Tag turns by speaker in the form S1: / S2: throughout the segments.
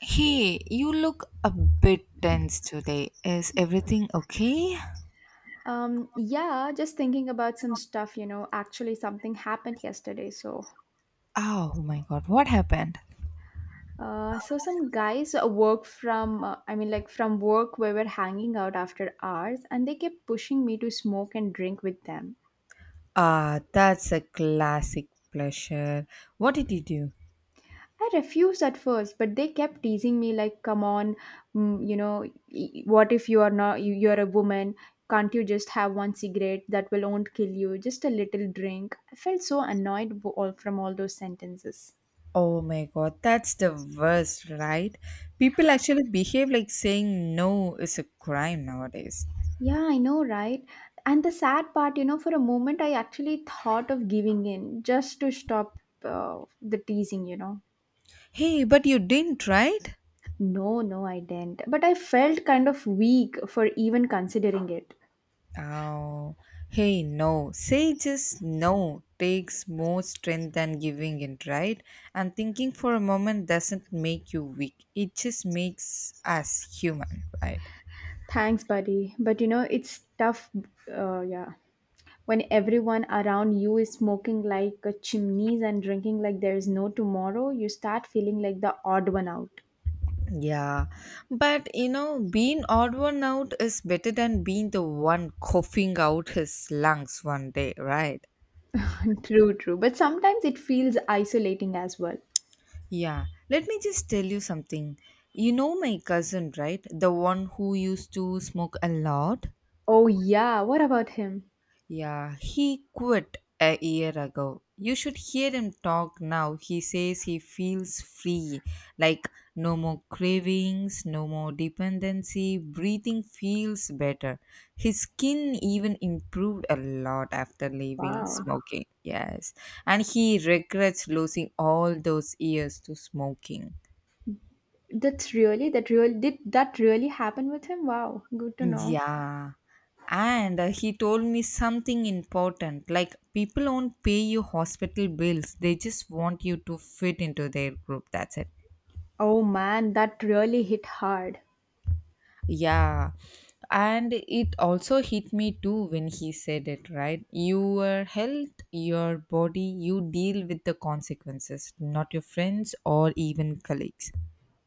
S1: Hey, you look a bit tense today. Is everything okay?
S2: Yeah, just thinking about some stuff, actually something happened yesterday. So,
S1: Oh my god, what happened?
S2: uh, so some guys I mean, like from work we were hanging out after hours, and they kept pushing me to smoke and drink with them.
S1: Ah, that's a classic pleasure. What did you do?
S2: I refused at first, but they kept teasing me like, come on, what if you're a woman? Can't you just have one cigarette that will won't kill you? Just a little drink. I felt so annoyed all from all those sentences.
S1: Oh my god, that's the worst, right? People actually behave like saying no is a crime nowadays.
S2: Yeah, I know, right? And the sad part, for a moment I actually thought of giving in just to stop the teasing.
S1: Hey, but you didn't, right?
S2: No, no, I didn't. But I felt kind of weak for even considering it.
S1: Oh, hey, no. Say just no takes more strength than giving in, right? And thinking for a moment doesn't make you weak, it just makes us human, right?
S2: Thanks, buddy. But you know, it's tough, yeah. When everyone around you is smoking like a chimneys and drinking like there is no tomorrow, you start feeling like the odd one out.
S1: Yeah, but you know, being odd one out is better than being the one coughing out his lungs one day, right?
S2: True, true. But sometimes it feels isolating as well.
S1: Yeah, let me just tell you something. You know my cousin, right? The one who used to smoke a lot?
S2: Oh, yeah. What about him?
S1: Yeah, he quit a year ago. You should hear him talk now. He says he feels free, like no more cravings, no more dependency, breathing feels better. His skin even improved a lot after leaving
S2: Wow.
S1: smoking. Yes, and he regrets losing all those years to smoking.
S2: That's really that really did that really happen with him? Wow, good to know.
S1: Yeah. And he told me something important, like, people won't pay you hospital bills, they just want you to fit into their group. That's it.
S2: Oh man, that really hit hard.
S1: Yeah. And it also hit me too when he said it, right? Your health, your body, you deal with the consequences, not your friends or even colleagues.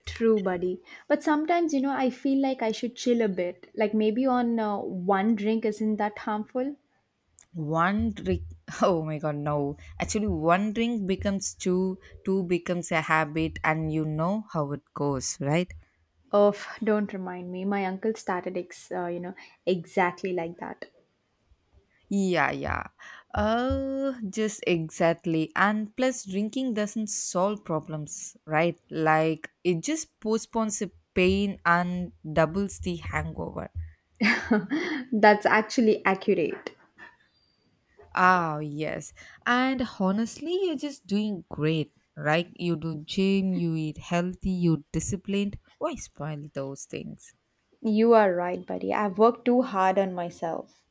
S2: True, buddy. But sometimes, you know, I feel like I should chill a bit. Like maybe on one drink isn't that harmful?
S1: One drink? Oh my god, no. Actually, one drink becomes two, two becomes a habit, and you know how it goes, right?
S2: Oh, don't remind me. My uncle started exactly like that.
S1: Yeah. Just exactly. And plus, drinking doesn't solve problems, right? Like, it just postpones the pain and doubles the hangover.
S2: That's actually accurate.
S1: Ah, yes. And honestly, you're just doing great, right? You do gym, you eat healthy, you disciplined. Why spoil those things?
S2: You are right, buddy. I've worked too hard on myself.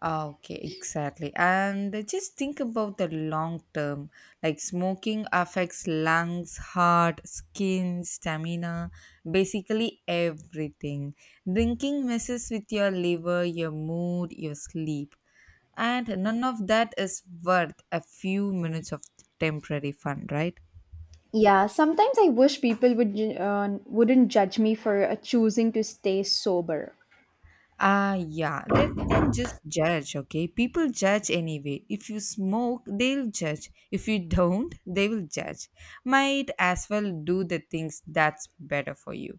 S1: Ah, okay, exactly. And just think about the long term. Like, smoking affects lungs, heart, skin, stamina, basically everything. Drinking messes with your liver, your mood, your sleep. And none of that is worth a few minutes of temporary fun, right?
S2: Yeah, sometimes I wish people would wouldn't judge me for choosing to stay sober.
S1: Ah, yeah. Let them just judge, okay? People judge anyway. If you smoke, they'll judge. If you don't, they will judge. Might as well do the things that's better for you.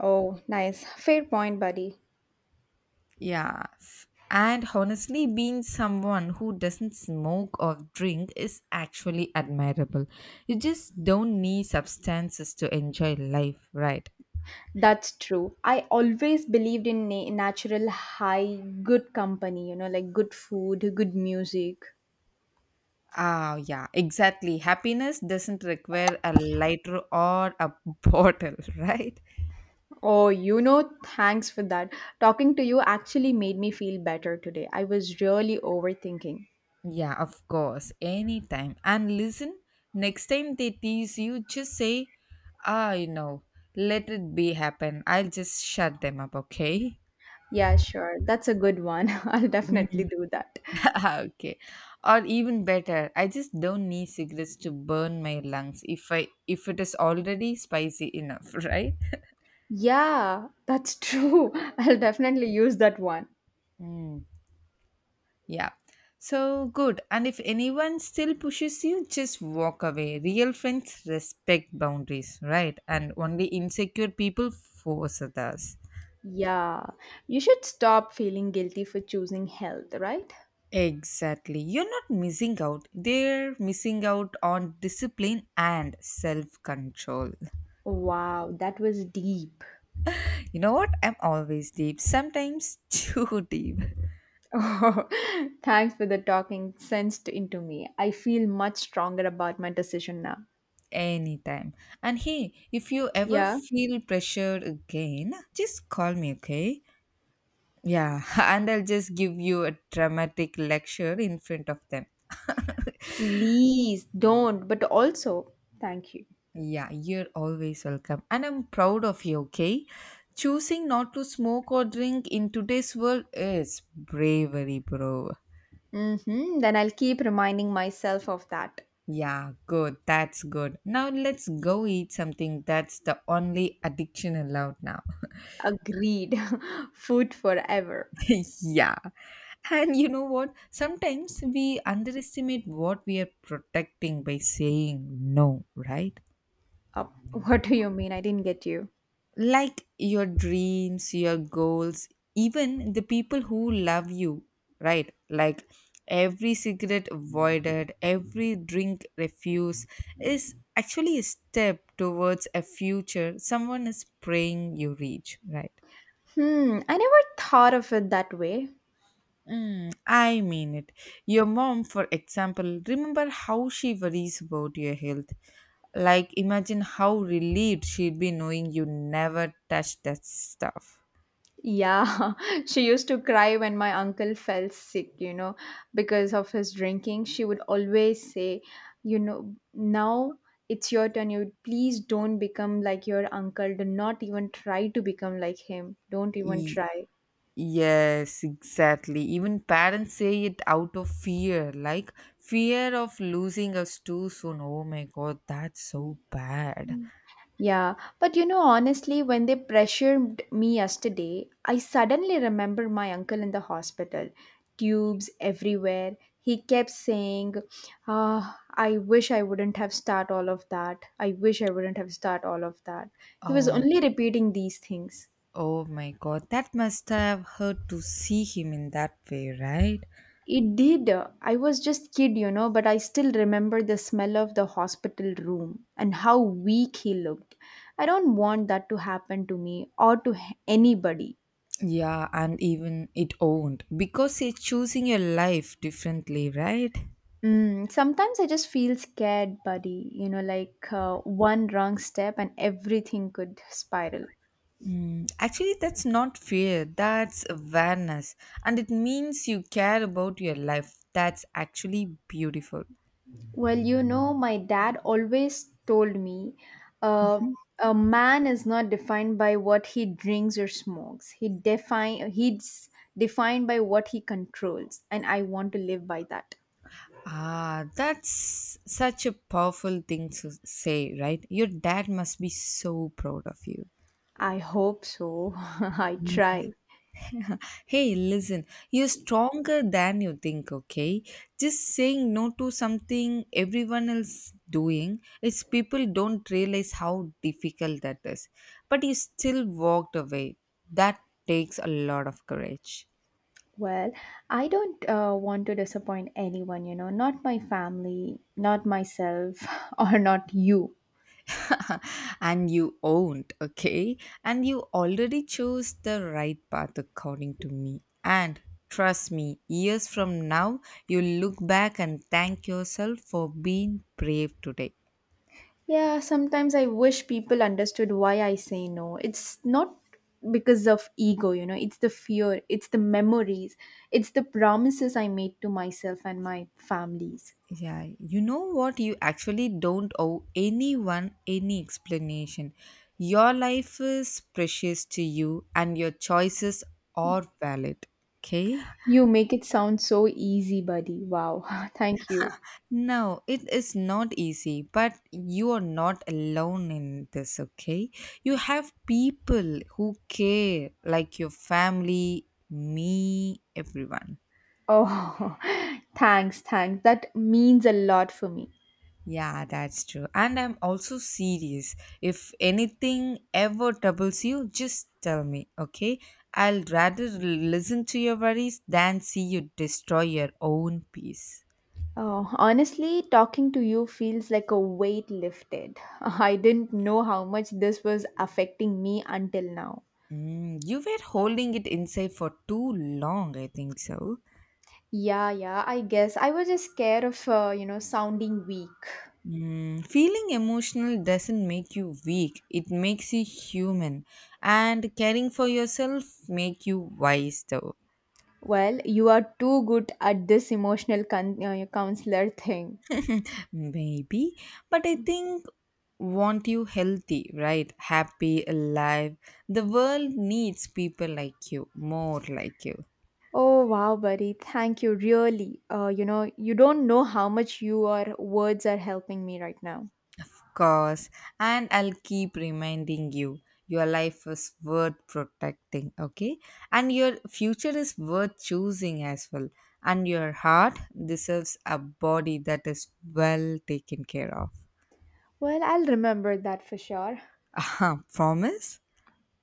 S2: Oh, nice. Fair point, buddy.
S1: Yeah. And honestly, being someone who doesn't smoke or drink is actually admirable. You just don't need substances to enjoy life, right?
S2: That's true. I always believed in natural high, good company, you know, like good food, good music.
S1: Ah, yeah, exactly. Happiness doesn't require a lighter or a bottle, right?
S2: Oh, you know, thanks for that. Talking to you actually made me feel better today. I was really overthinking.
S1: Yeah, of course, anytime. And listen, next time they tease you, just say, ah, you know, let it be happen. I'll just shut them up, okay?
S2: Yeah, sure. That's a good one. I'll definitely
S1: Mm.
S2: do that.
S1: Okay. Or even better, I just don't need cigarettes to burn my lungs if I if it is already spicy enough, right?
S2: Yeah, that's true. I'll definitely use that one.
S1: Mm. Yeah. So good. And if anyone still pushes you, just walk away. Real friends respect boundaries, right? And only insecure people force others.
S2: Yeah, you should stop feeling guilty for choosing health, right?
S1: Exactly. You're not missing out. They're missing out on discipline and self control.
S2: Wow, that was deep.
S1: You know what? I'm always deep. Sometimes too deep.
S2: Oh, thanks for the talking sense into me. I feel much stronger about my decision now.
S1: Anytime. And hey, if you ever
S2: Yeah,
S1: feel pressured again, just call me, okay? Yeah, and I'll just give you a dramatic lecture in front of them.
S2: please don't, but also thank you.
S1: Yeah, you're always welcome. And I'm proud of you, okay? Choosing not to smoke or drink in today's world is bravery, bro.
S2: Mm-hmm, then I'll keep reminding myself of that.
S1: Yeah, good. That's good. Now let's go eat something. That's the only addiction allowed now.
S2: Agreed. Food forever.
S1: Yeah. And you know what? Sometimes we underestimate what we are protecting by saying no, right?
S2: Uh, what do you mean? I didn't get you.
S1: Like your dreams, your goals, even the people who love you, right? Like every cigarette avoided, every drink refused is actually a step towards a future someone is praying you reach, right?
S2: Hmm, I never thought of it that way.
S1: Mm, I mean it. Your mom, for example, remember how she worries about your health. Like, imagine how relieved she'd be knowing you never touched that stuff.
S2: Yeah, she used to cry when my uncle fell sick, you know, because of his drinking. She would always say, you know, now it's your turn. You please don't become like your uncle. Do not even try to become like him. Don't even try.
S1: Yes, exactly. Even parents say it out of fear, like fear of losing us too soon. Oh my god, that's so bad.
S2: Yeah, but you know, honestly, when they pressured me yesterday, I suddenly remember my uncle in the hospital, tubes everywhere. He kept saying, Ah, I wish I wouldn't have start all of that. I wish I wouldn't have start all of that. He was
S1: Oh,
S2: only repeating these things.
S1: oh my god, that must have hurt to see him in that way, right?
S2: It did. I was just kid, you know, but I still remember the smell of the hospital room and how weak he looked. I don't want that to happen to me or to anybody.
S1: Yeah, and even it owned because you're choosing your life differently, right?
S2: Mm, sometimes I just feel scared, buddy. You know, like one wrong step and everything could spiral.
S1: Mm, actually, that's not fear, that's awareness, and it means you care about your life. That's actually beautiful.
S2: Well, you know, my dad always told me uh, a man is not defined by what he drinks or smokes. He's defined by what he controls, and I want to live by that.
S1: Ah, that's such a powerful thing to say, right? Your dad must be so proud of you.
S2: I hope so. I
S1: Mm.
S2: try.
S1: Hey, listen, you're stronger than you think, okay? Just saying no to something everyone else doing, it's people don't realize how difficult that is. But you still walked away. That takes a lot of courage.
S2: Well, I don't want to disappoint anyone, you know, not my family, not myself, or not you.
S1: And you owned, okay? And you already chose the right path according to me. And trust me, years from now, you look back and thank yourself for being brave today.
S2: Yeah, sometimes I wish people understood why I say no. It's not because of ego, you know, it's the fear, it's the memories, it's the promises I made to myself and my families.
S1: Yeah, you know what? You actually don't owe anyone any explanation. Your life is precious to you and your choices are valid. Okay?
S2: You make it sound so easy, buddy. Wow. Thank you.
S1: No, it is not easy, but you are not alone in this, okay? You have people who care, like your family, me, everyone.
S2: Oh, thanks, thanks. That means a lot for me.
S1: Yeah, that's true. And I'm also serious. If anything ever troubles you, just tell me, okay? I'll rather listen to your worries than see you destroy your own peace.
S2: Oh, honestly, talking to you feels like a weight lifted. I didn't know how much this was affecting me until now.
S1: Mm, you were holding it inside for too long, I think so.
S2: Yeah, yeah, I guess I was just scared of, sounding weak.
S1: Mm, feeling emotional doesn't make you weak, it makes you human. And caring for yourself make you wise though.
S2: Well, you are too good at this emotional counselor thing.
S1: Maybe, but I think want you healthy, right? Happy, alive. The world needs people like you, more like you.
S2: Oh, wow, buddy. Thank you, really. You don't know how much your words are helping me right now.
S1: Of course, and I'll keep reminding you your life is worth protecting, okay? And your future is worth choosing as well. And your heart deserves a body that is well taken care of.
S2: Well, I'll remember that for sure.
S1: Aha, promise?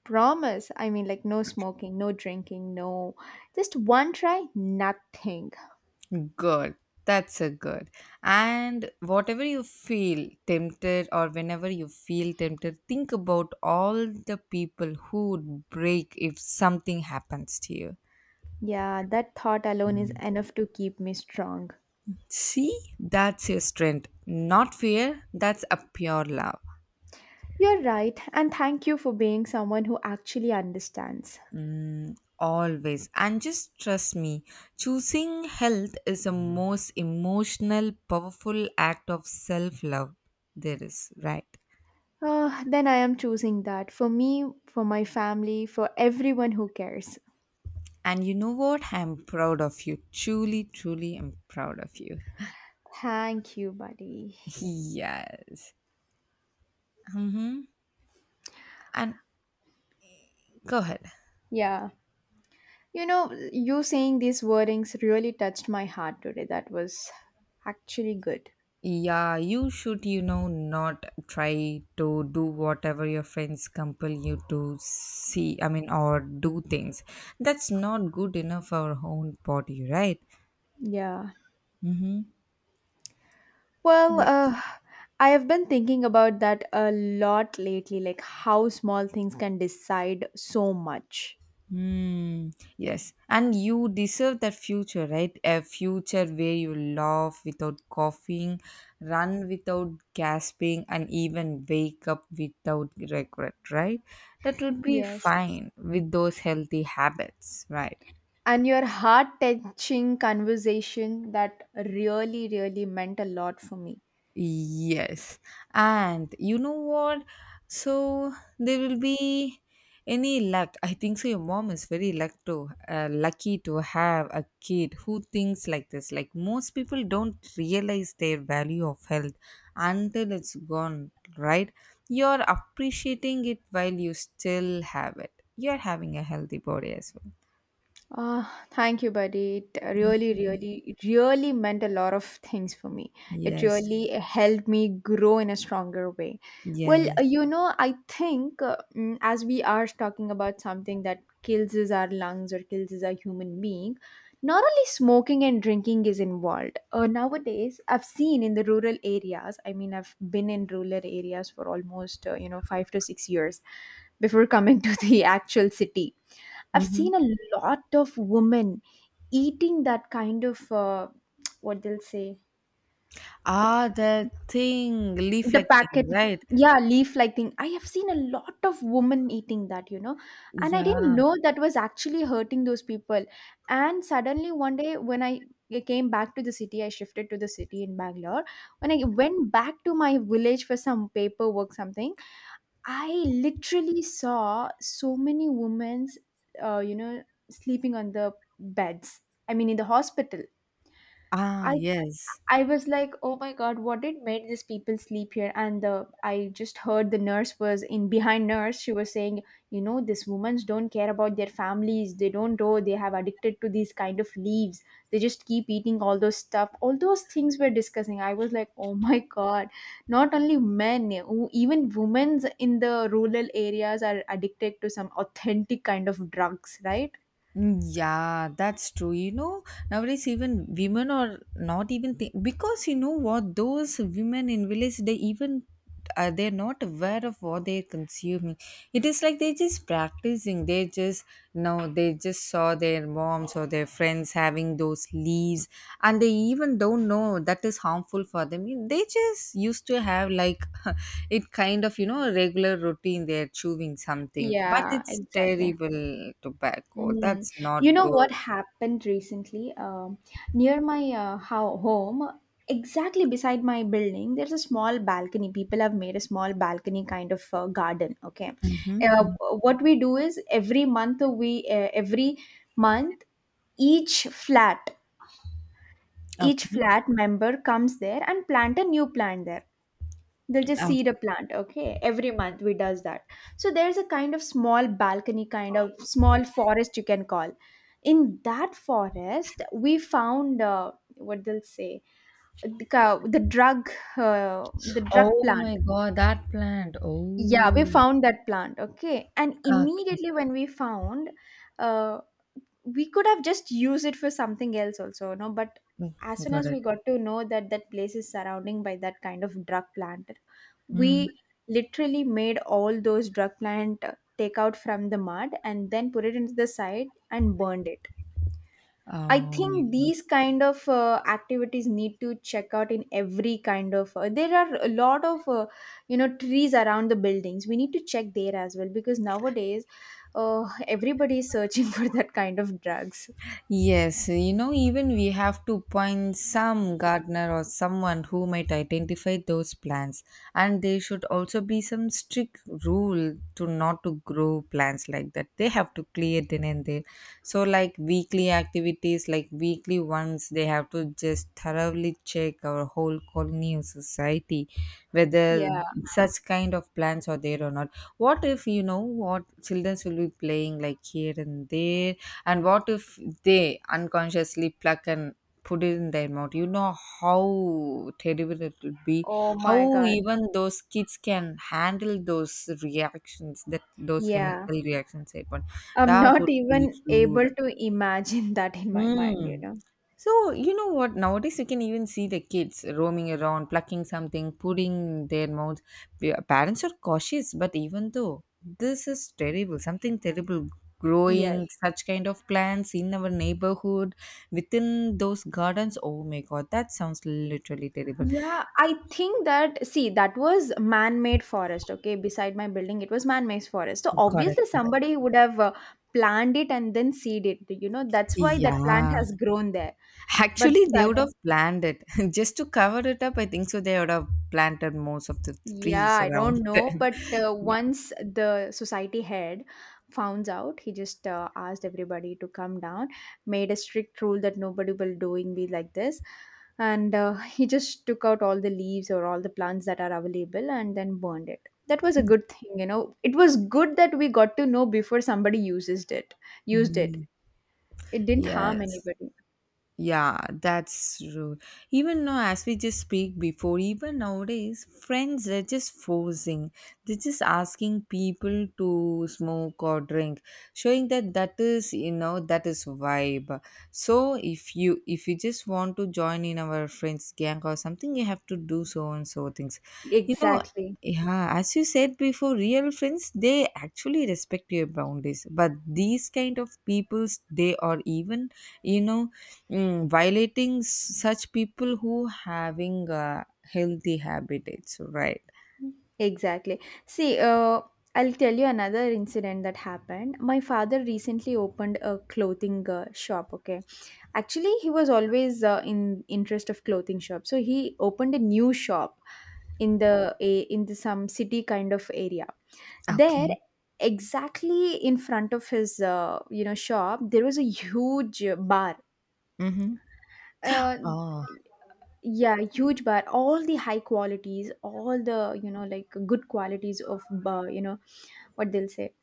S2: Promise. I mean, like, no smoking, no drinking, no. Just one try, nothing.
S1: Good. That's a good. And whatever you feel tempted, or whenever you feel tempted, think about all the people who would break if something happens to you.
S2: Yeah, that thought alone is enough to keep me strong.
S1: See, that's your strength. Not fear, that's a pure love.
S2: You're right, and thank you for being someone who actually understands.
S1: Mm, always. And just trust me, choosing health is the most emotional, powerful act of self love there is, right?
S2: Ah, then I am choosing that for me, for my family, for everyone who cares.
S1: And you know what? I'm proud of you. Truly, truly, I'm proud of you.
S2: Thank you, buddy.
S1: Yes. And go ahead.
S2: Yeah. You know, you saying these wordings really touched my heart today. That was actually good.
S1: Yeah, you should, you know, not try to do whatever your friends compel you to see, I mean, or do things. That's not good enough for our own body, right?
S2: Yeah.
S1: Mm-hmm.
S2: Well,
S1: Yes.
S2: I have been thinking about that a lot lately, like how small things can decide so much.
S1: Hmm. Yes, and you deserve that future, right? A future where you laugh without coughing, run without gasping, and even wake up without regret, right? That would be
S2: Yes.
S1: fine with those healthy habits, right?
S2: And your heart touching conversation that really, really meant a lot for me.
S1: Yes. And you know what? So there will be any luck. I think so. Your mom is very lucky to have a kid who thinks like this. Like, most people don't realize their value of health until it's gone, right? You're appreciating it while you still have it. You're having a healthy body as well.
S2: Uh, Thank you, buddy. It really meant a lot of things for me. It
S1: Yes.
S2: really helped me grow in a stronger way. Well,
S1: Yes.
S2: I think as we are talking about something that kills is our lungs or kills is our human being, not only smoking and drinking is involved. Nowadays, I've seen in the rural areas, I mean, I've been in rural areas for almost, 5 to 6 years before coming to the actual city. I've
S1: Mm-hmm.
S2: seen a lot of women eating that kind of, what they'll say,
S1: Ah, that thing, leaf
S2: the
S1: like
S2: packet,
S1: thing, right?
S2: yeah, leaf like thing. I have seen a lot of women eating that, you know And I didn't
S1: Yeah.
S2: know that was actually hurting those people. And suddenly, one day when I came back to the city, I shifted to the city in Bangalore. When I went back to my village for some paperwork something, I literally saw so many women's, uh, you know, sleeping on the beds. I mean, in the hospital.
S1: Ah,
S2: I
S1: yes.
S2: I was like, oh my god, what did made these people sleep here? And the I just heard the nurse was in behind nurse. She was saying, you know, these women don't care about their families. They don't know they have addicted to these kind of leaves. They just keep eating all those stuff. All those things we're discussing. I was like, oh my god, not only men, even women in the rural areas are addicted to some authentic kind of drugs, right?
S1: Mm, yeah, that's true. You know, nowadays even women are not even think, because you know what, those women in village, they even they're not aware of what they're consuming. It is like they're just practicing. They just no, they just saw their moms or their friends having those leaves, and they even don't know that is harmful for them. They just used to have, like, it kind of, you know, a regular routine, they're chewing something. But
S2: Yeah,
S1: it's
S2: exactly.
S1: terrible. Tobacco,
S2: Mm.
S1: that's not
S2: You know what
S1: good.
S2: happened recently? Near my home, exactly beside my building, there's a small balcony. People have made a small balcony kind of garden. Okay, uh,
S1: Mm-hmm.
S2: what we do is every month we every month each flat each
S1: Okay.
S2: flat member comes there and plant a new plant there. They'll just
S1: Uh,
S2: seed a plant. Okay, every month we does that. So there's a kind of small balcony kind of small forest, you can call. In that forest we found, what they'll say, the uh, drug
S1: oh
S2: plant.
S1: my god, that plant,
S2: Yeah, we
S1: oh.
S2: found that plant. Okay, and
S1: Okay.
S2: immediately when we found, uh, we could have just used it for something else also. No, but
S1: Mm,
S2: as soon
S1: got
S2: as we
S1: it.
S2: got to know that that place is surrounding by that kind of drug plant,
S1: Mm.
S2: we literally made all those drug plant take out from the mud and then put it into the side and burned it. I
S1: Oh my
S2: think
S1: god.
S2: these kind of activities need to check out in every kind of, there are a lot of trees around the buildings, we need to check there as well, because nowadays everybody is searching for that kind of drugs.
S1: Yes, you know, even we have to find some gardener or someone who might identify those plants. And there should also be some strict rule to not to grow plants like that. They have to clear then and there. So like weekly activities, like weekly ones, they have to just thoroughly check our whole colony or society whether
S2: Yeah.
S1: such kind of plants are there or not. What if, you know what, children will be playing like here and there? And what if they unconsciously pluck and put it in their mouth, you know, how terrible it would be.
S2: Oh my
S1: How
S2: God.
S1: even those kids can handle those reactions, that those
S2: Yeah.
S1: chemical reactions happen.
S2: I'm
S1: That
S2: not
S1: would be
S2: even
S1: rude.
S2: able to imagine that in my mind, you
S1: Mm.
S2: know.
S1: So, you know what? Nowadays, you can even see the kids roaming around, plucking something, putting their mouths. Parents are cautious, but even though this is terrible, something terrible
S2: Yes.
S1: growing such kind of plants in our neighborhood within those gardens. Oh my god, that sounds literally terrible.
S2: Yeah, I think that was man-made forest, okay? Beside my building, it was man-made forest. So
S1: Got it,
S2: obviously
S1: got it.
S2: somebody would have planned it and then seed it, you know. That's why that plant
S1: Yeah.
S2: has grown there. But
S1: Actually, they would
S2: sudden,
S1: have planned it just to cover it up. I think so. They would have planted most of the
S2: Yeah,
S1: trees
S2: I
S1: around
S2: don't know,
S1: them.
S2: but
S1: Yeah.
S2: once the society head found out, he just asked everybody to come down, made a strict rule that nobody will doing be like this, and he just took out all the leaves or all the plants that are available and then burned it. That was a good thing, you know. It was good that we got to know before somebody used it.
S1: Mm,
S2: It didn't harm
S1: yes.
S2: anybody.
S1: Yeah, that's true. Even now, as we just speak before, even nowadays, friends, they're just forcing. They're just asking people to smoke or drink, showing that that is, you know, that is vibe. So if you just want to join in our friends gang or something, you have to do so and so things. You know,
S2: Exactly.
S1: yeah, as you said before, real friends they actually respect your boundaries. But these kind of peoples, they are even you know violating such people who having healthy habitats, right?
S2: Exactly. See, I'll tell you another incident that happened. My father recently opened a clothing shop. Okay, actually, he was always in interest of clothing shop, so he opened a new shop in the some city kind of area. There,
S1: Okay.
S2: exactly in front of his shop, there was a huge bar.
S1: Mm-hmm.
S2: Uh,
S1: Oh.
S2: yeah, huge bar, all the high qualities, all the good qualities of you know what they'll say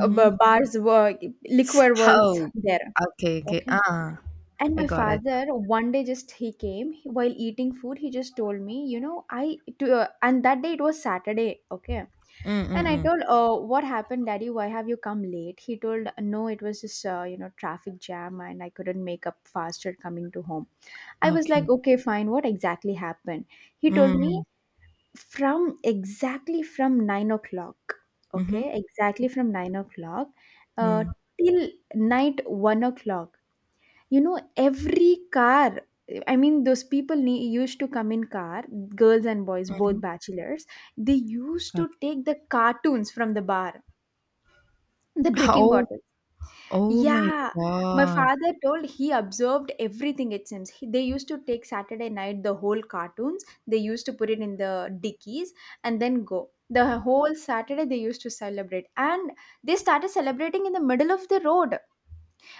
S2: ba- bars were, liquor was
S1: Oh.
S2: there,
S1: Okay. Okay.
S2: okay.
S1: Ah.
S2: And
S1: I
S2: my
S1: got it.
S2: father one day just he came while eating food he just told me, and that day it was Saturday, okay. And I
S1: Mm-mm-mm.
S2: told, what happened, daddy, why have you come late? He told, no, it was just traffic jam and I couldn't make up faster coming to home. I was like,
S1: Okay.
S2: okay, fine. What exactly happened? He told me
S1: Mm.
S2: from exactly from 9 o'clock.
S1: Mm-hmm.
S2: Okay, exactly from 9 o'clock uh,
S1: Mm.
S2: till night 1 o'clock. You know, every car. I mean, those people used to come in car, girls and boys, both bachelors. They used to
S1: Okay.
S2: take the cartoons from the bar, the drinking
S1: Oh.
S2: bottle.
S1: Oh my
S2: Yeah, my
S1: God.
S2: father told he observed everything it seems. He, they used to take Saturday night the whole cartoons, they used to put it in the dickies and then go. The whole Saturday they used to celebrate and they started celebrating in the middle of the road.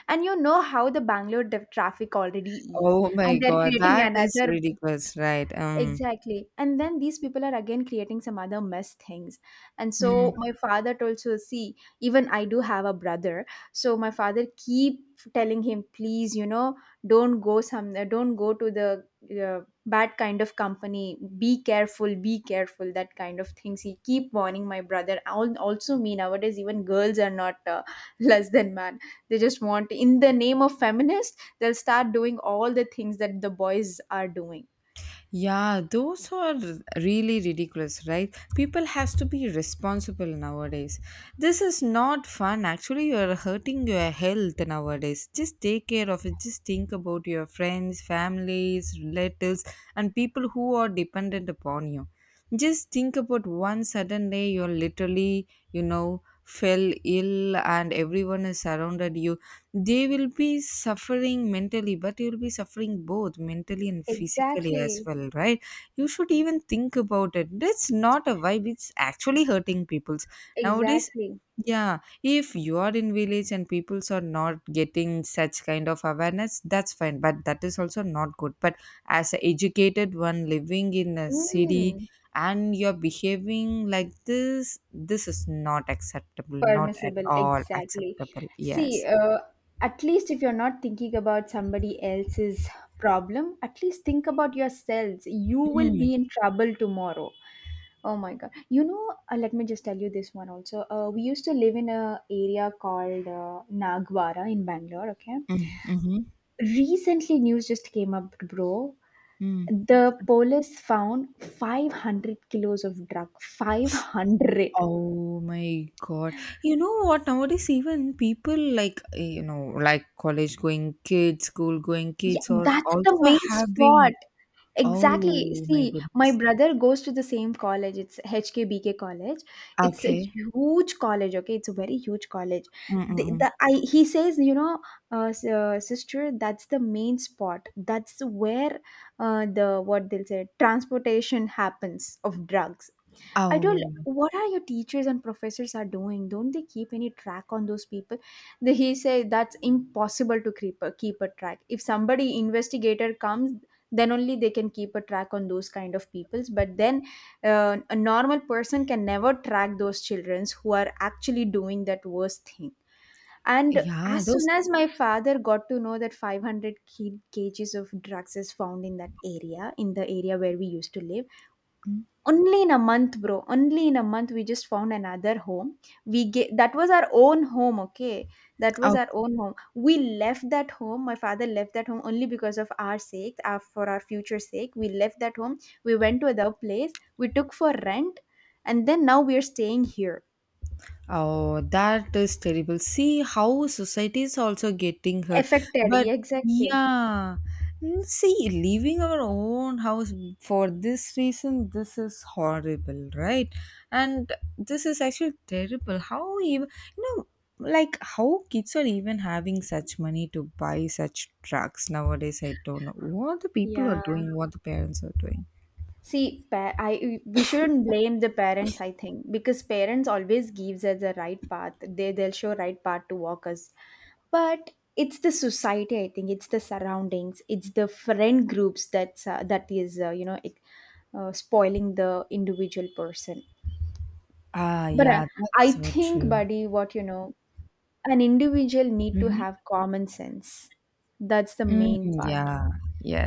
S2: And you know how the Bangalore the traffic already is.
S1: Oh my
S2: And they're
S1: God,
S2: creating
S1: that is
S2: another.
S1: ridiculous, right?
S2: Exactly. And then these people are again creating some other mess things. And so my father told, so see, even I do have a brother. So my father keep telling him, please, you know, don't go to the uh, bad kind of company. Be careful, that kind of things. He keep warning my brother. Also me, nowadays, even girls are not less than man. They just want, in the name of feminist, they'll start doing all the things that the boys are doing.
S1: Yeah, those are really ridiculous, right? People has to be responsible nowadays. This is not fun. Actually, you are hurting your health nowadays. Just take care of it. Just think about your friends, families, relatives, and people who are dependent upon you. Just think about one sudden day you're literally, fell ill and everyone is surrounded you, they will be suffering mentally but you'll be suffering both mentally and physically as
S2: Exactly,
S1: well, right? You should even think about it. That's not a vibe, it's actually hurting people's nowadays.
S2: exactly.
S1: Yeah, if you are in village and peoples are not getting such kind of awareness, that's fine, but that is also not good. But as an educated one living in a city
S2: Mm,
S1: and you're behaving like this is not acceptable, not at
S2: permissible,
S1: all
S2: exactly.
S1: acceptable,
S2: See,
S1: yes.
S2: at least if you're not thinking about somebody else's problem, at least think about yourselves. You will
S1: Mm.
S2: be in trouble tomorrow. Oh my God. You know, let me just tell you this one also. We used to live in a area called Nagwara in Bangalore, okay?
S1: Mm, mhm,
S2: Recently, news just came up, bro.
S1: mm.
S2: The police found 500 kilos of drug. 500.
S1: Oh my God. You know what? Nowadays, even people like, eh, you know, like college going kids, school going
S2: Yeah,
S1: kids are
S2: that's the
S1: also
S2: main spot.
S1: having.
S2: Exactly.
S1: Oh my
S2: See, my
S1: goodness.
S2: brother goes to the same college. It's HKBK College. It's a
S1: Okay.
S2: huge college. Okay, it's a very huge college.
S1: Mm-mm.
S2: The I He says, you know, sister, that's the main spot. That's where the, what they'll say, transportation happens of drugs. I don't.
S1: Oh,
S2: What are your teachers and professors are doing? Don't they keep any track on those people? He said that's impossible to keep a, keep a track. If somebody investigator comes, then only they can keep a track on those kind of peoples. But then, a normal person can never track those childrens who are actually doing that worst thing. And
S1: yeah.
S2: as soon
S1: Those.
S2: as my father got to know that 500 kgs of drugs is found in that area, in the area where we used to live only in a month, bro. Only in a month, we just found another home. We get That was our own home, okay? That was our own home. We left that home. My father left that home only because of our sake, our, for our future sake. We left that home. We went to another place. We took for rent, and then now we are staying here.
S1: Oh, that is terrible. See how society is also getting hurt.
S2: Affected,
S1: But
S2: yeah, exactly.
S1: yeah, mm, see, leaving our own house for this reason, this is horrible, right? And this is actually terrible. How even, you know, like how kids are even having such money to buy such trucks nowadays? I don't know what the people are
S2: Yeah.
S1: doing, what the parents are doing.
S2: See, pa- I we shouldn't blame the parents. I think because parents always gives us the right path. They'll show right path to walk us, but it's the society. I think it's the surroundings. It's the friend groups that's that is you know it, spoiling the individual person.
S1: Ah,
S2: But
S1: yeah,
S2: I
S1: that's so
S2: think,
S1: true.
S2: buddy, what you know, an individual need to
S1: Mhm.
S2: have common sense. That's the
S1: Mm,
S2: main part.
S1: yeah,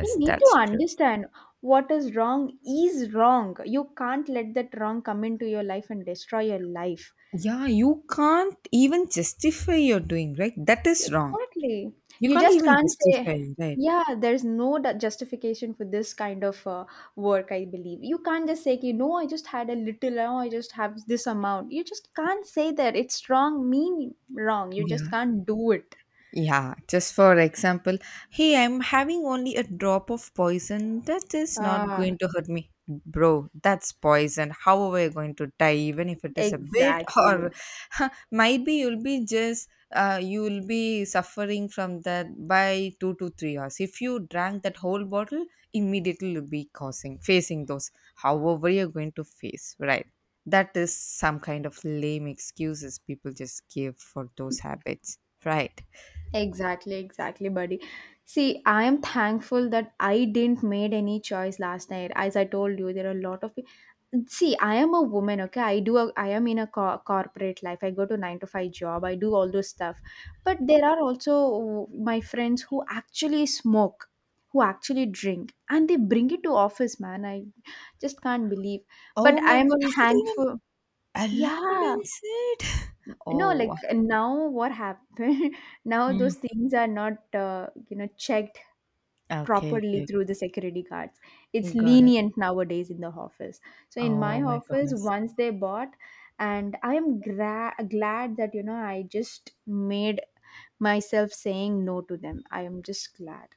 S2: He need to
S1: that's true.
S2: understand what is wrong is wrong. You can't let that wrong come into your life and destroy your life.
S1: Yeah, you can't even justify your doing, right? That is wrong.
S2: Exactly.
S1: You
S2: You
S1: can't
S2: just
S1: even
S2: can't say,
S1: justify, right?
S2: yeah, there's no justification for this kind of work, I believe. You can't just say, you know, I just had a little, oh, I just have this amount. You just can't say that. It's wrong, mean wrong. You just
S1: Yeah.
S2: can't do it.
S1: Yeah, just for example, hey, I'm having only a drop of poison. That is not
S2: Ah,
S1: going to hurt me. Bro, that's poison. How are we going to die, even if it is a bit? Or
S2: exactly.
S1: might be you'll be just, you'll be suffering from that by 2 to 3 hours. If you drank that whole bottle, immediately you'll be causing, facing those. However, you're going to face, right? That is some kind of lame excuses people just give for those habits, right?
S2: Exactly, exactly, buddy. See, I am thankful that I didn't made any choice last night. As I told you, there are a lot of people. See, I am a woman, okay? I do, a, I am in a corporate life. I go to 9 to 5 job. I do all those stuff. But there are also my friends who actually smoke, who actually drink, and they bring it to office, man. I just can't believe. But
S1: Oh
S2: I
S1: my
S2: am
S1: God, is it even
S2: thankful.
S1: allowed
S2: Yeah.
S1: inside?
S2: No, like,
S1: Oh,
S2: now what happened, now those
S1: mm.
S2: things are not checked
S1: Okay,
S2: properly
S1: okay,
S2: through the security guards. It's
S1: got it.
S2: lenient nowadays in the office. So in
S1: Oh
S2: my
S1: my
S2: office
S1: goodness.
S2: once they bought, and I am glad that, you know, I just made myself saying no to them. I am just glad.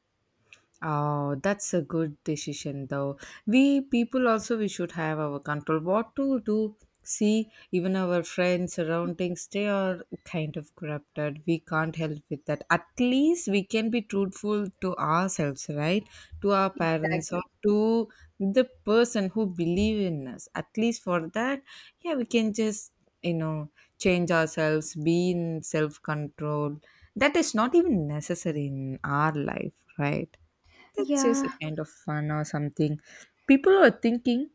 S1: Oh, that's a good decision though. We people also we should have our control. What to do, see even our friends surroundings they are kind of corrupted. We can't help with that. At least we can be truthful to ourselves, right? To our parents or
S2: Exactly.
S1: to the person who believe in us. At least for that, yeah, we can just, you know, change ourselves, be in self control. That is not even necessary in our life, right? That's just a
S2: Yeah.
S1: kind of fun or something. People are thinking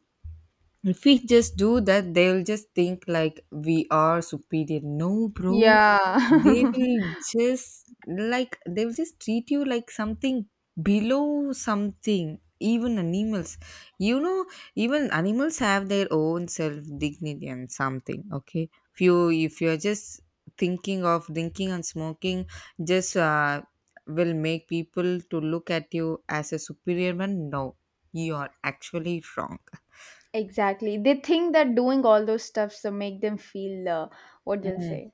S1: if we just do that, they'll just think like we are superior. No, bro.
S2: Yeah.
S1: They will just like they'll just treat you like something below something. Even animals, you know, even animals have their own self dignity and something. Okay, if you're just thinking of drinking and smoking, just will make people to look at you as a superior man. No, you are actually wrong.
S2: Exactly, they think that doing all those stuffs will make them feel what they'll say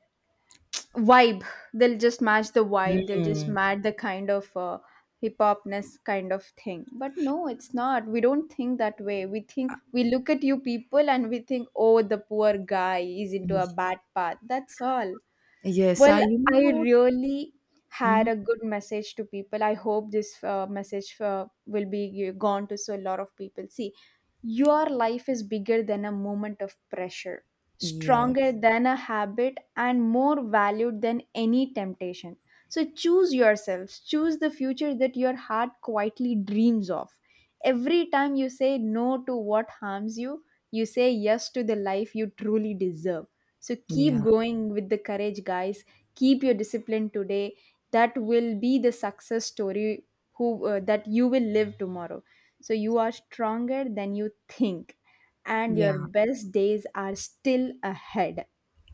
S2: vibe. They'll just match the vibe, they'll just
S1: Mm.
S2: match the kind of hip hopness kind of thing. But no, it's not. We don't think that way. We think, we look at you people and we think, oh, the poor guy is into a
S1: Yes,
S2: bad path, that's all.
S1: yes, I
S2: Well,
S1: you know
S2: I
S1: what?
S2: really had
S1: Mhm.
S2: a good message to people. I hope this message will be gone to so a lot of people. See, your life is bigger than a moment of pressure, stronger
S1: Yes,
S2: than a habit, and more valued than any temptation. So choose yourselves, choose the future that your heart quietly dreams of. Every time you say no to what harms you, you say yes to the life you truly deserve. So keep
S1: yeah,
S2: going with the courage, guys. Keep your discipline today. That will be the success story who that you will live tomorrow. So you are stronger than you think, and
S1: yeah.
S2: your best days are still ahead.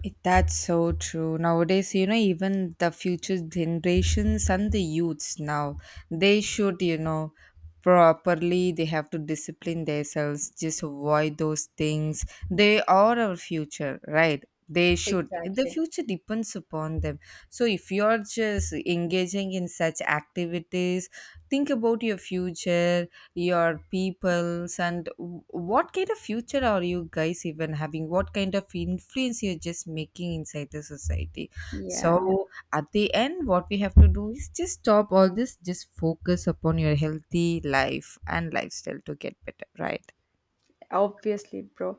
S1: It, that's so true. Nowadays, you know, even the future generations and the youths now, they should, you know, properly, they have to discipline themselves, just avoid those things. They are our future, right? They should. The
S2: Exactly.
S1: future depends upon them. So if you're just engaging in such activities, think about your future, your peoples and what kind of future are you guys even having, what kind of influence you're just making inside the society.
S2: Yeah,
S1: So at the end what we have to do is just stop all this, just focus upon your healthy life and lifestyle to get better, right?
S2: obviously, bro.